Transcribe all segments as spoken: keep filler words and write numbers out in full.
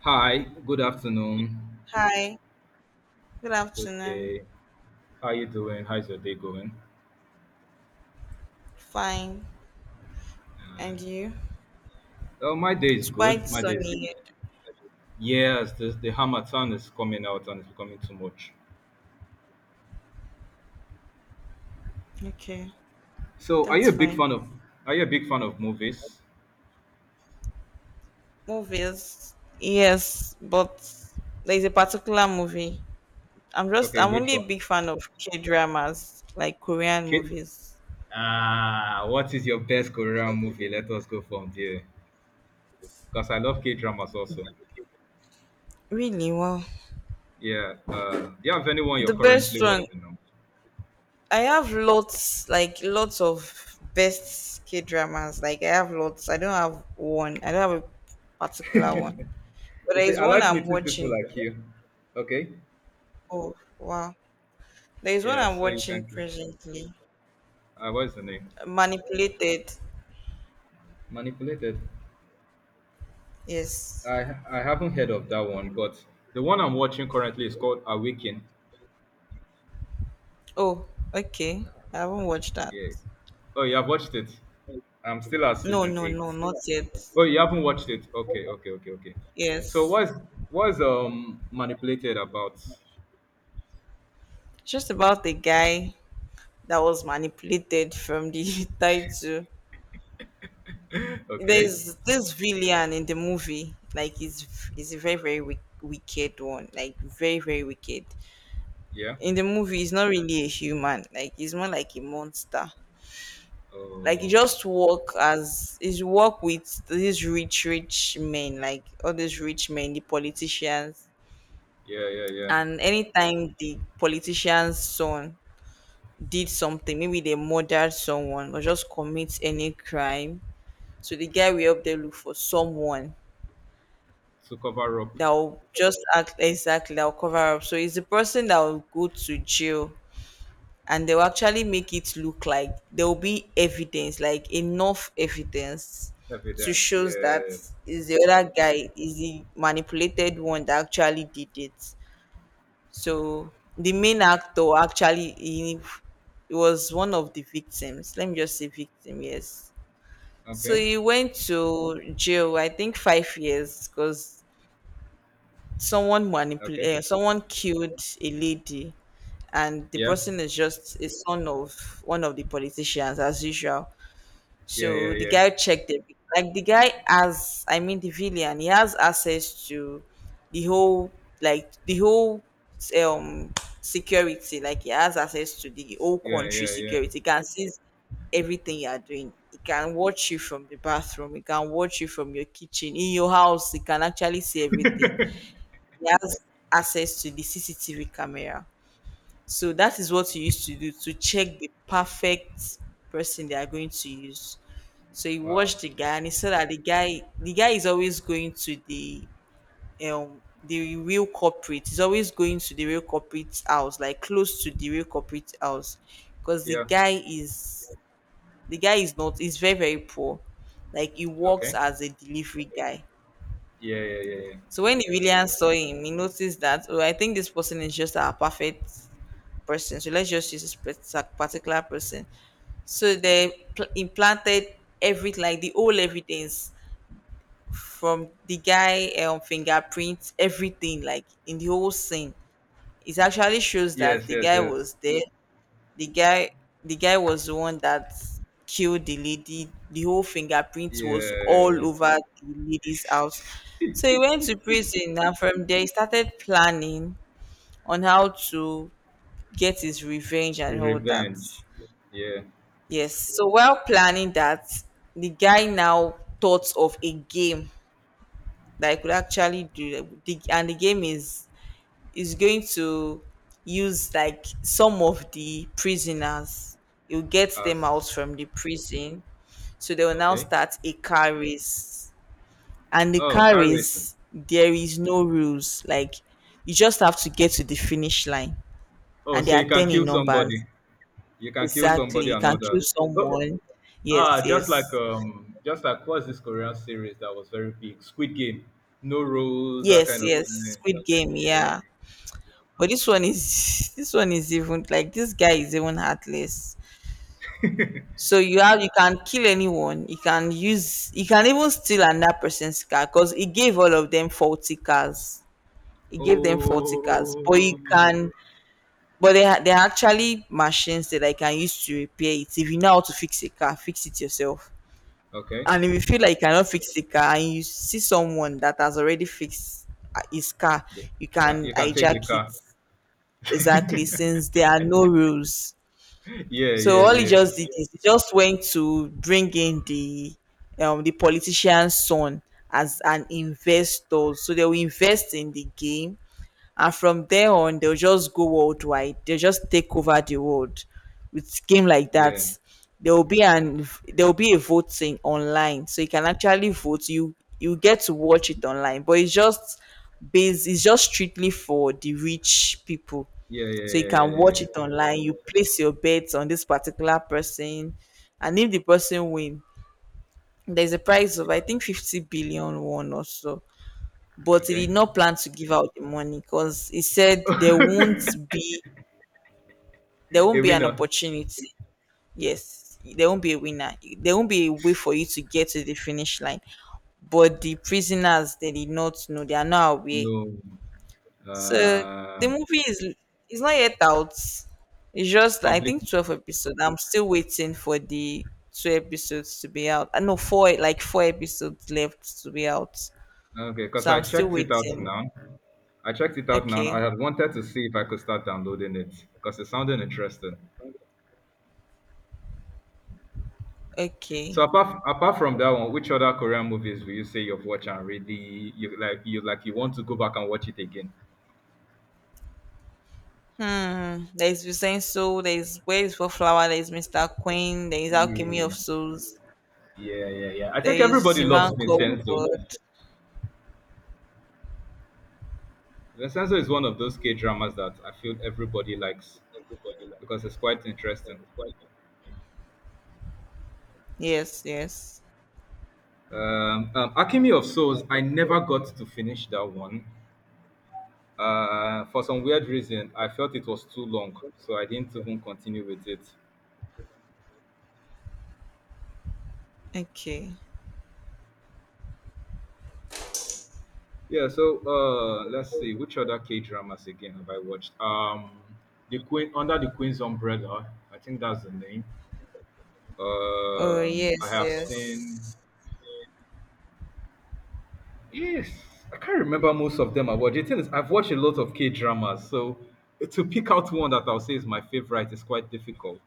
Hi, good afternoon, Hi, good good afternoon. day. How you doing? How's your day going? Fine. And you? Oh, my day is It's quite good. My day is sunny here. yes. The the Hamatan is coming out and it's becoming too much. Okay, So, are you that's a big fine. fan of— Are you a big fan of movies? Movies. Yes, but there's a particular movie. I'm just, Okay, I'm which only a one? big fan of K dramas, like Korean K. movies. Ah, what is your best Korean movie? Let us go from there. Because I love K dramas also. Really? Wow. Yeah. Uh, do you have anyone you're The best currently one. watching now? I have lots, like lots of best K dramas. Like I have lots. I don't have one. I don't have a particular one. But You there see, is I one like I'm meeting people watching. like you. Okay. Oh, wow. There is one Yeah. I'm So you watching can. presently. Uh, what is the name? Manipulated. Manipulated. Yes. I ha- I haven't heard of that one, but the one I'm watching currently is called Awaken. Oh, okay. I haven't watched that. Yeah. Oh, you have watched it. I'm still at No, season no, eight. no, not yet. Oh, you haven't watched it. Okay, okay, okay, okay. So Yes. what's what's um manipulated about? It's just about the guy that was manipulated from the title. Okay. There's this villain in the movie. Like he's he's a very, very wick wicked one. Like very, very wicked. Yeah. In the movie, he's not really a human. Like he's more like a monster. Like you Oh. just work as is work with these rich rich men, like all these rich men, the politicians. Yeah, yeah, yeah. And anytime the politician's son did something, maybe they murdered someone or just commit any crime, so the guy will help them look for someone To cover up that will just act exactly that will cover up, so it's the person that will go to jail. And they'll actually make it look like there'll be evidence, like enough evidence, to evidence. shows that Yes. is the other guy, is the manipulated one that actually did it. So the main actor actually he, he was one of the victims. Let me just say victim, yes. So Okay. he went to jail, I think five years, because someone Okay. manipulated. Someone killed a lady, and the Yeah. person is just a son of one of the politicians, as usual. Yeah, yeah, So the yeah. guy checked it. Like the guy has, I mean, the villain, he has access to the whole, like the whole, um security. Like he has access to the whole Yeah, country yeah, yeah. security. He can see everything you are doing. He can watch you from the bathroom. He can watch you from your kitchen, in your house. He can actually see everything. He has access to the C C T V camera. So that is what he used to do to check the perfect person they are going to use. So he Wow. watched the guy, and he saw that the guy the guy is always going to the, um the real corporate. He's always going to the real corporate house, like close to the real corporate house. Because the Yeah. guy is, the guy is not, he's very, very poor. Like he works Okay. as a delivery guy. Yeah, yeah, yeah, yeah. So when the William saw him, he noticed that, oh, I think this person is just our perfect person. So let's just use this pers- particular person. So they pl- implanted everything, like the whole evidence from the guy, um, fingerprints, everything, like in the whole scene. It actually shows that Yes, the yes, guy yes. was there. The guy the guy was the one that killed the lady. The whole fingerprint was all Yeah, over the lady's house. So he went to prison, and from there he started planning on how to get his revenge the and all that. revenge. Yeah, Yes. So while planning that, the guy now thought of a game that he could actually do the, and the game is is going to use, like, some of the prisoners. He'll get them as out from the prison. So they will now okay. start a car race. And the Oh, car car racing. race, there is no rules. Like you just have to get to the finish line. Oh, And so there are you can ten in kill numbers. somebody. You can kill Exactly. somebody You and can all kill that. Oh, someone. Yes, ah, just like yes. um, just like what's this Korean series that was very big? Squid Game. No rules, that Yes, kind of yes. thing. Squid game, Yeah. yeah. But this one is this one is even, like this guy is even heartless. So you have you can kill anyone. You can use you can even steal another person's car because he gave all of them faulty cars. He gave them faulty cars, but you Oh. can. But they are they are actually machines that I can use to repair it. If you know how to fix a car, fix it yourself. Okay. And if you feel like you cannot fix the car and you see someone that has already fixed, uh, his car, The- you yeah, can you can take the hijack it. car. Exactly, since there are no rules. Yeah, So yeah, all he yeah, just did is he just went to bring in the, um the politician's son as an investor. So they will invest in the game, and from there on they'll just go worldwide. They'll just take over the world with game like that. yeah, There will be an there will be a voting online. So you can actually vote. You you get to watch it online. But it's just based it's just strictly for the rich people. yeah, yeah, So you yeah, can yeah, watch yeah. it online. You place your bets on this particular person, and if the person win, there's a price of, I Yeah. think, 50 billion won or so. Yeah. But he Okay. did not plan to give out the money because he said there won't be, there A won't be an winner? opportunity. Yes, there won't be a winner. There won't be a way for you to get to the finish line. But the prisoners, they did not know, they are not aware. No. So Uh, the movie is is not yet out. It's just, I complete. think, twelve episodes. I'm still waiting for the two episodes to be out. I know four, like four episodes left to be out. Okay, because So I I'm still checked it out waiting. now. I checked it out now. And I Okay. had wanted to see if I could start downloading it because it sounded interesting. So Okay. apart apart from that one, which other Korean movies will you say you've watched and really you like you like you want to go back and watch it again? Hmm. There's Vincenzo, there's Where is for Flower, there's Mister Queen, there is Alchemy of Yeah, Souls, yeah, yeah, yeah. I there think is everybody the loves man called Vincenzo. God. Vincenzo is one of those K dramas that I feel everybody likes because it's quite interesting. Yes, yes. Um, um, Alchemy of Souls, I never got to finish that one. Uh, for some weird reason, I felt it was too long, so I didn't even continue with it. Okay. Yeah, so uh, let's see which other K dramas again have I watched? Um, The Queen Under the Queen's Umbrella, I think that's the name. Oh Um, yes, I have seen. yes. Yes, I can't remember most of them I watched. The thing is, I've watched a lot of K dramas, so to pick out one that I'll say is my favorite is quite difficult.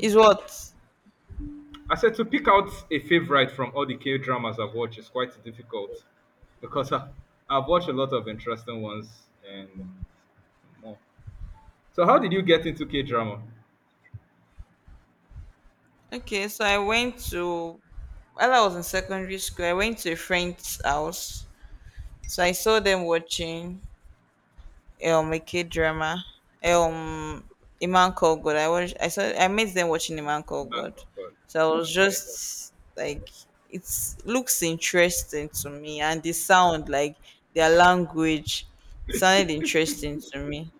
Is what? I said to pick out a favorite from all the K dramas I've watched is quite difficult because I, I've watched a lot of interesting ones and more. So, how did you get into K drama? Okay, so I went to while I was in secondary school, I went to a friend's house. So I saw them watching um a kid drama. Um a man called God. I was I saw I met them watching a man In called God. Bangkok, but— So I was okay. just like it looks interesting to me, and the sound, like their language sounded interesting to me.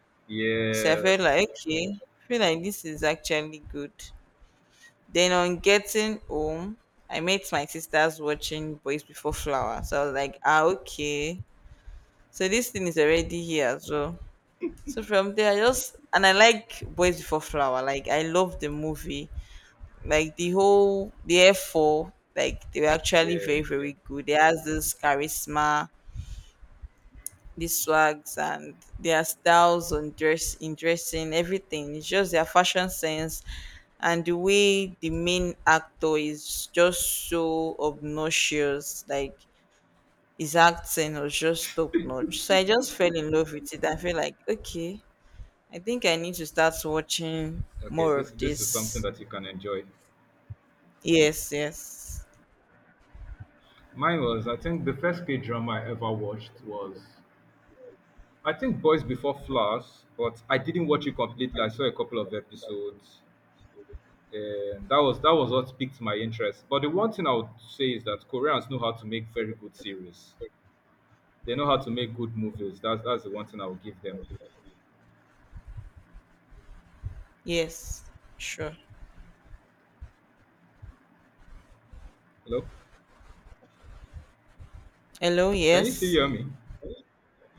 So I Yes. felt like, okay, I feel like this is actually good. Then on getting home, I met my sisters watching Boys Before Flower. So I was like, ah, okay. So this thing is already here as well. So from there, I just and I like Boys Before Flower. Like I love the movie. Like the whole the F four, like they were actually very, Yeah. Yeah. very good. They has this charisma. These swags and their styles on dress in dressing, everything. It's just their fashion sense, and the way the main actor is just so obnoxious, like his acting was just top notch. So I just fell in love with it. I feel like, okay, I think I need to start watching Okay. more This of this is something this. that you can enjoy. Yes, yes. Mine was— I think the first K drama I ever watched was I think Boys Before Flowers, but I didn't watch it completely. I saw a couple of episodes um, that was that was what piqued my interest. But the one thing I would say is that Koreans know how to make very good series. They know how to make good movies. That's that's the one thing I would give them. Yes. Sure. Hello, Hello, can you still yes. hear me?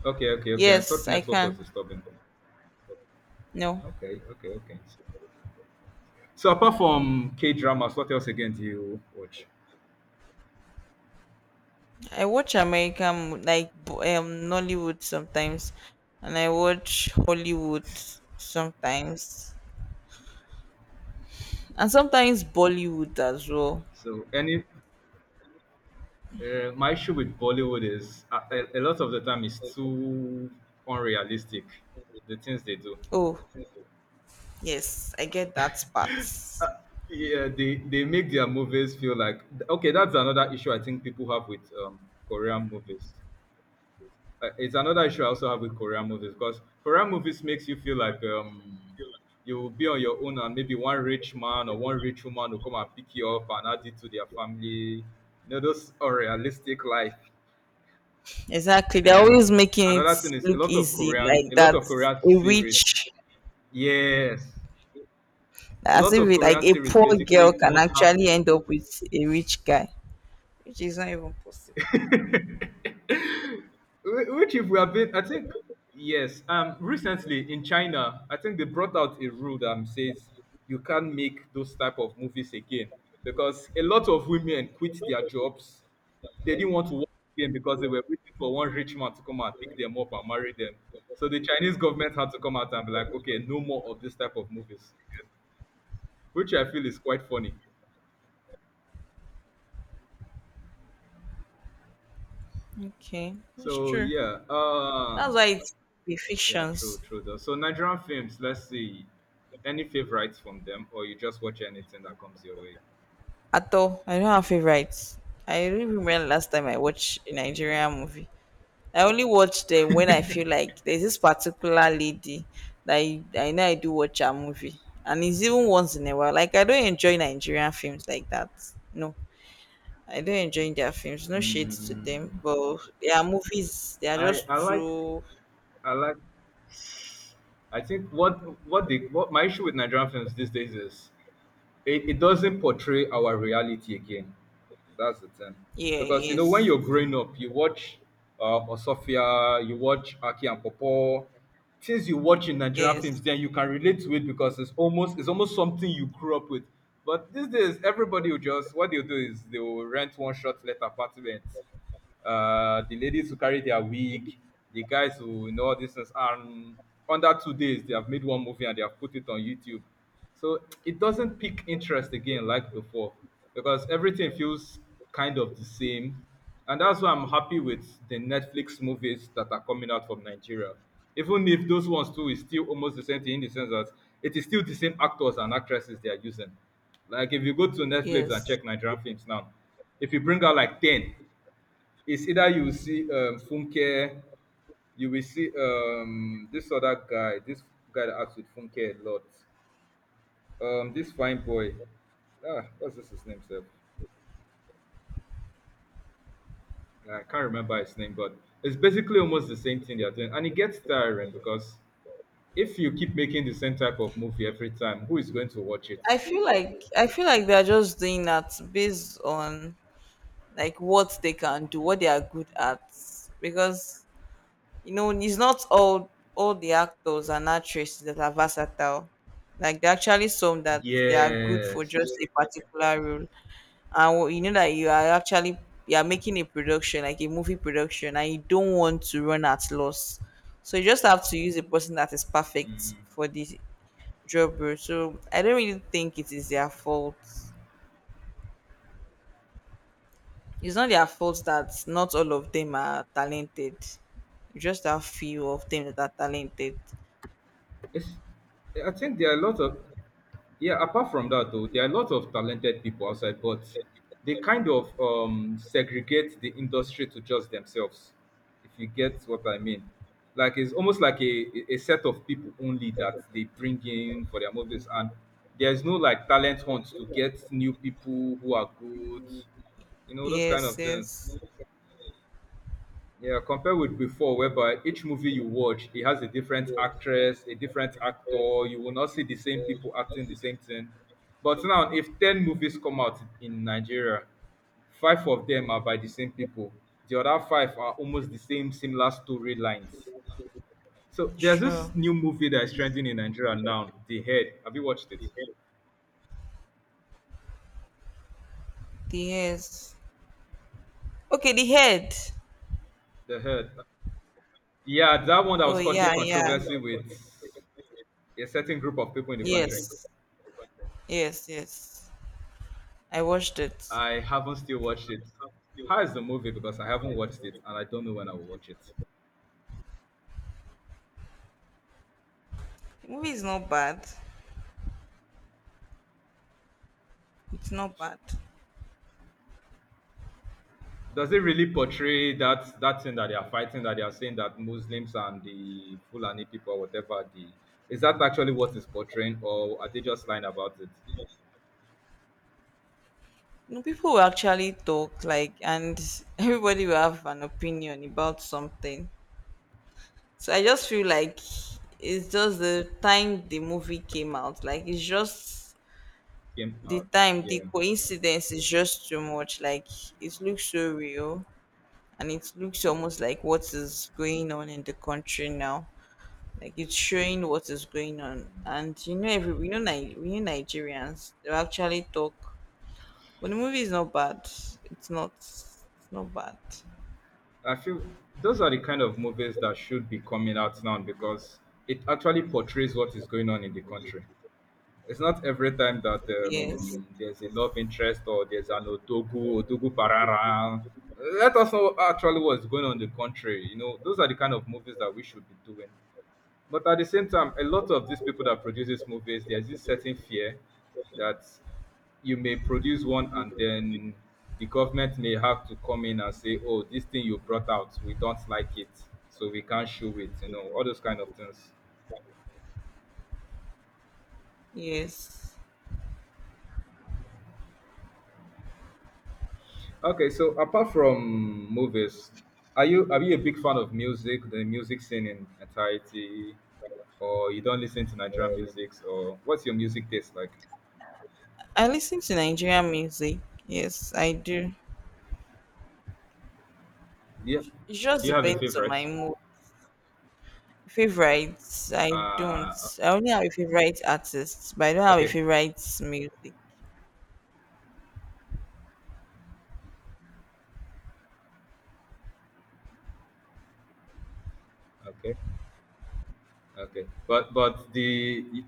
Okay, okay, okay. I Yes, thought I network can. was disturbing. No. Okay, okay, okay. So, so apart from K dramas, what else again do you watch? I watch American, like bo- um Nollywood sometimes, and I watch Hollywood sometimes, and sometimes Bollywood as well. So any uh, my issue with Bollywood is a, a, a lot of the time it's too unrealistic, the things they do. Oh yes, I get that part. Uh, yeah, they they make their movies feel like okay. That's another issue I think people have with um, Korean movies. Uh, it's another issue I also have with Korean movies because Korean movies makes you feel like um, you will be on your own and maybe one rich man or one rich woman will come and pick you up and add it to their family. You know those unrealistic life. Exactly, they're always And making it another thing is a look lot of easy, Korean, like a lot that of Korean a series— rich, yes. A as lot if of it, like Korean a series poor girl basically can almost have— actually end up with a rich guy, which is not even possible. Wh- which, if we have been, I think, yes. Um, recently in China, I think they brought out a rule that um, says you can't make those type of movies again because a lot of women quit their jobs. They didn't want to work again because they were waiting for one rich man to come and pick them up and marry them. So the Chinese government had to come out and be like, "Okay, no more of this type of movies, again," which I feel is quite funny. Okay, that's So true. yeah. That's Um, why it's the Yeah, true, fictions. true though. So Nigerian films, let's see. Any favorites from them or you just watch anything that comes your way? At all. I don't have favorites. I don't even remember last time I watched a Nigerian movie. I only watch them when I feel like there's this particular lady that I, I know I do watch her movie. And it's even once in a while. Like I don't enjoy Nigerian films like that. No. I don't enjoy their films. No shade to them. Mm, But their movies they are I just I like too. I like I think what what the what my issue with Nigerian films these days is it, it doesn't portray our reality again. That's the thing. Yeah, Because you know, when yes. you're growing up, you watch uh Osofia, you watch Aki and Popo, things you watch in Nigerian films, Yes. then you can relate to it because it's almost it's almost something you grew up with. But these days everybody will just— what they'll do is they will rent one short letter apartment, uh, the ladies who carry their wig, the guys who— you know all these things. And under two days, they have made one movie and they have put it on YouTube. So it doesn't pique interest again like before because everything feels kind of the same. And that's why I'm happy with the Netflix movies that are coming out from Nigeria. Even if those ones too is still almost the same thing, in the sense that it is still the same actors and actresses they are using. Like if you go to Netflix Yes. and check Nigerian films now, if you bring out like ten, it's either you will see um, Funke, you will see um, this other guy, this guy that acts with Funke a lot. Um, this fine boy. Ah, what's this his name, sir? I can't remember his name, but it's basically almost the same thing they're doing. And it gets tiring because if you keep making the same type of movie every time, who is going to watch it? I feel like I feel like they are just doing that based on like what they can do, what they are good at. Because you know, it's not all all the actors and actresses that are versatile. Like there are actually some that they are good for just Yes. a particular role, and wh- you know that you are actually you are making a production, like a movie production, and you don't want to run at loss. So you just have to use a person that is perfect Mm. for the job role. So I don't really think it is their fault. It's not their fault that not all of them are talented. You just a few of them that are talented. It's, I think there are a lot of— yeah, apart from that though, there are a lot of talented people outside, but they kind of um, segregate the industry to just themselves, if you get what I mean. Like it's almost like a, a set of people only that they bring in for their movies, and there's no like talent hunt to get new people who are good, you know, those kind Yes, of things. yes. Yeah, compared with before, whereby each movie you watch, it has a different actress, a different actor. You will not see the same people acting the same thing. But now, if ten movies come out in Nigeria, five of them are by the same people. The other five are almost the same, similar storylines. So there's Sure. this new movie that is trending in Nigeria now, The Head. Have you watched it? The hairs. Okay, the head. The Head. Yeah, that one that Oh was yeah, causing yeah. controversy with a certain group of people in the Yes. country. Yes, yes. I watched it. I haven't still watched it. How is the movie? Because I haven't watched it and I don't know when I will watch it. The movie is not bad. It's not bad. Does it really portray that that thing that they are fighting, that they are saying that Muslims and the Fulani people, whatever— the is that actually what is portraying, or are they just lying about it? You know, people will actually talk like and everybody will have an opinion about something. So I just feel like it's just the time the movie came out. Like it's just Came the out, time, the yeah. coincidence is just too much. Like it looks so real, and it looks almost like what is going on in the country now. Like it's showing what is going on. And you know every we know Ni- we know Nigerians, they actually talk. But the movie is not bad. It's not, it's not bad. I feel those are the kind of movies that should be coming out now because it actually portrays what is going on in the country. It's not every time that Yes. um, there's a love interest or there's an Otogu, Otogu Parara. Let us know actually what's going on in the country. You know, those are the kind of movies that we should be doing. But at the same time, a lot of these people that produce these movies, there's this certain fear that you may produce one and then the government may have to come in and say, "Oh, this thing you brought out, we don't like it, so we can't show it," you know, all those kind of things. Yes. Okay, so apart from movies, are you are you a big fan of music, the music scene in entirety, or you don't listen to Nigerian music, or what's your music taste like? I listen to Nigerian music. Yes, I do. Do you, do It just you have a depends on favorite? my mood. Favorites, I don't. Uh, I only have a favorite artist, but I don't have a okay, favorite music. okay, okay. But but the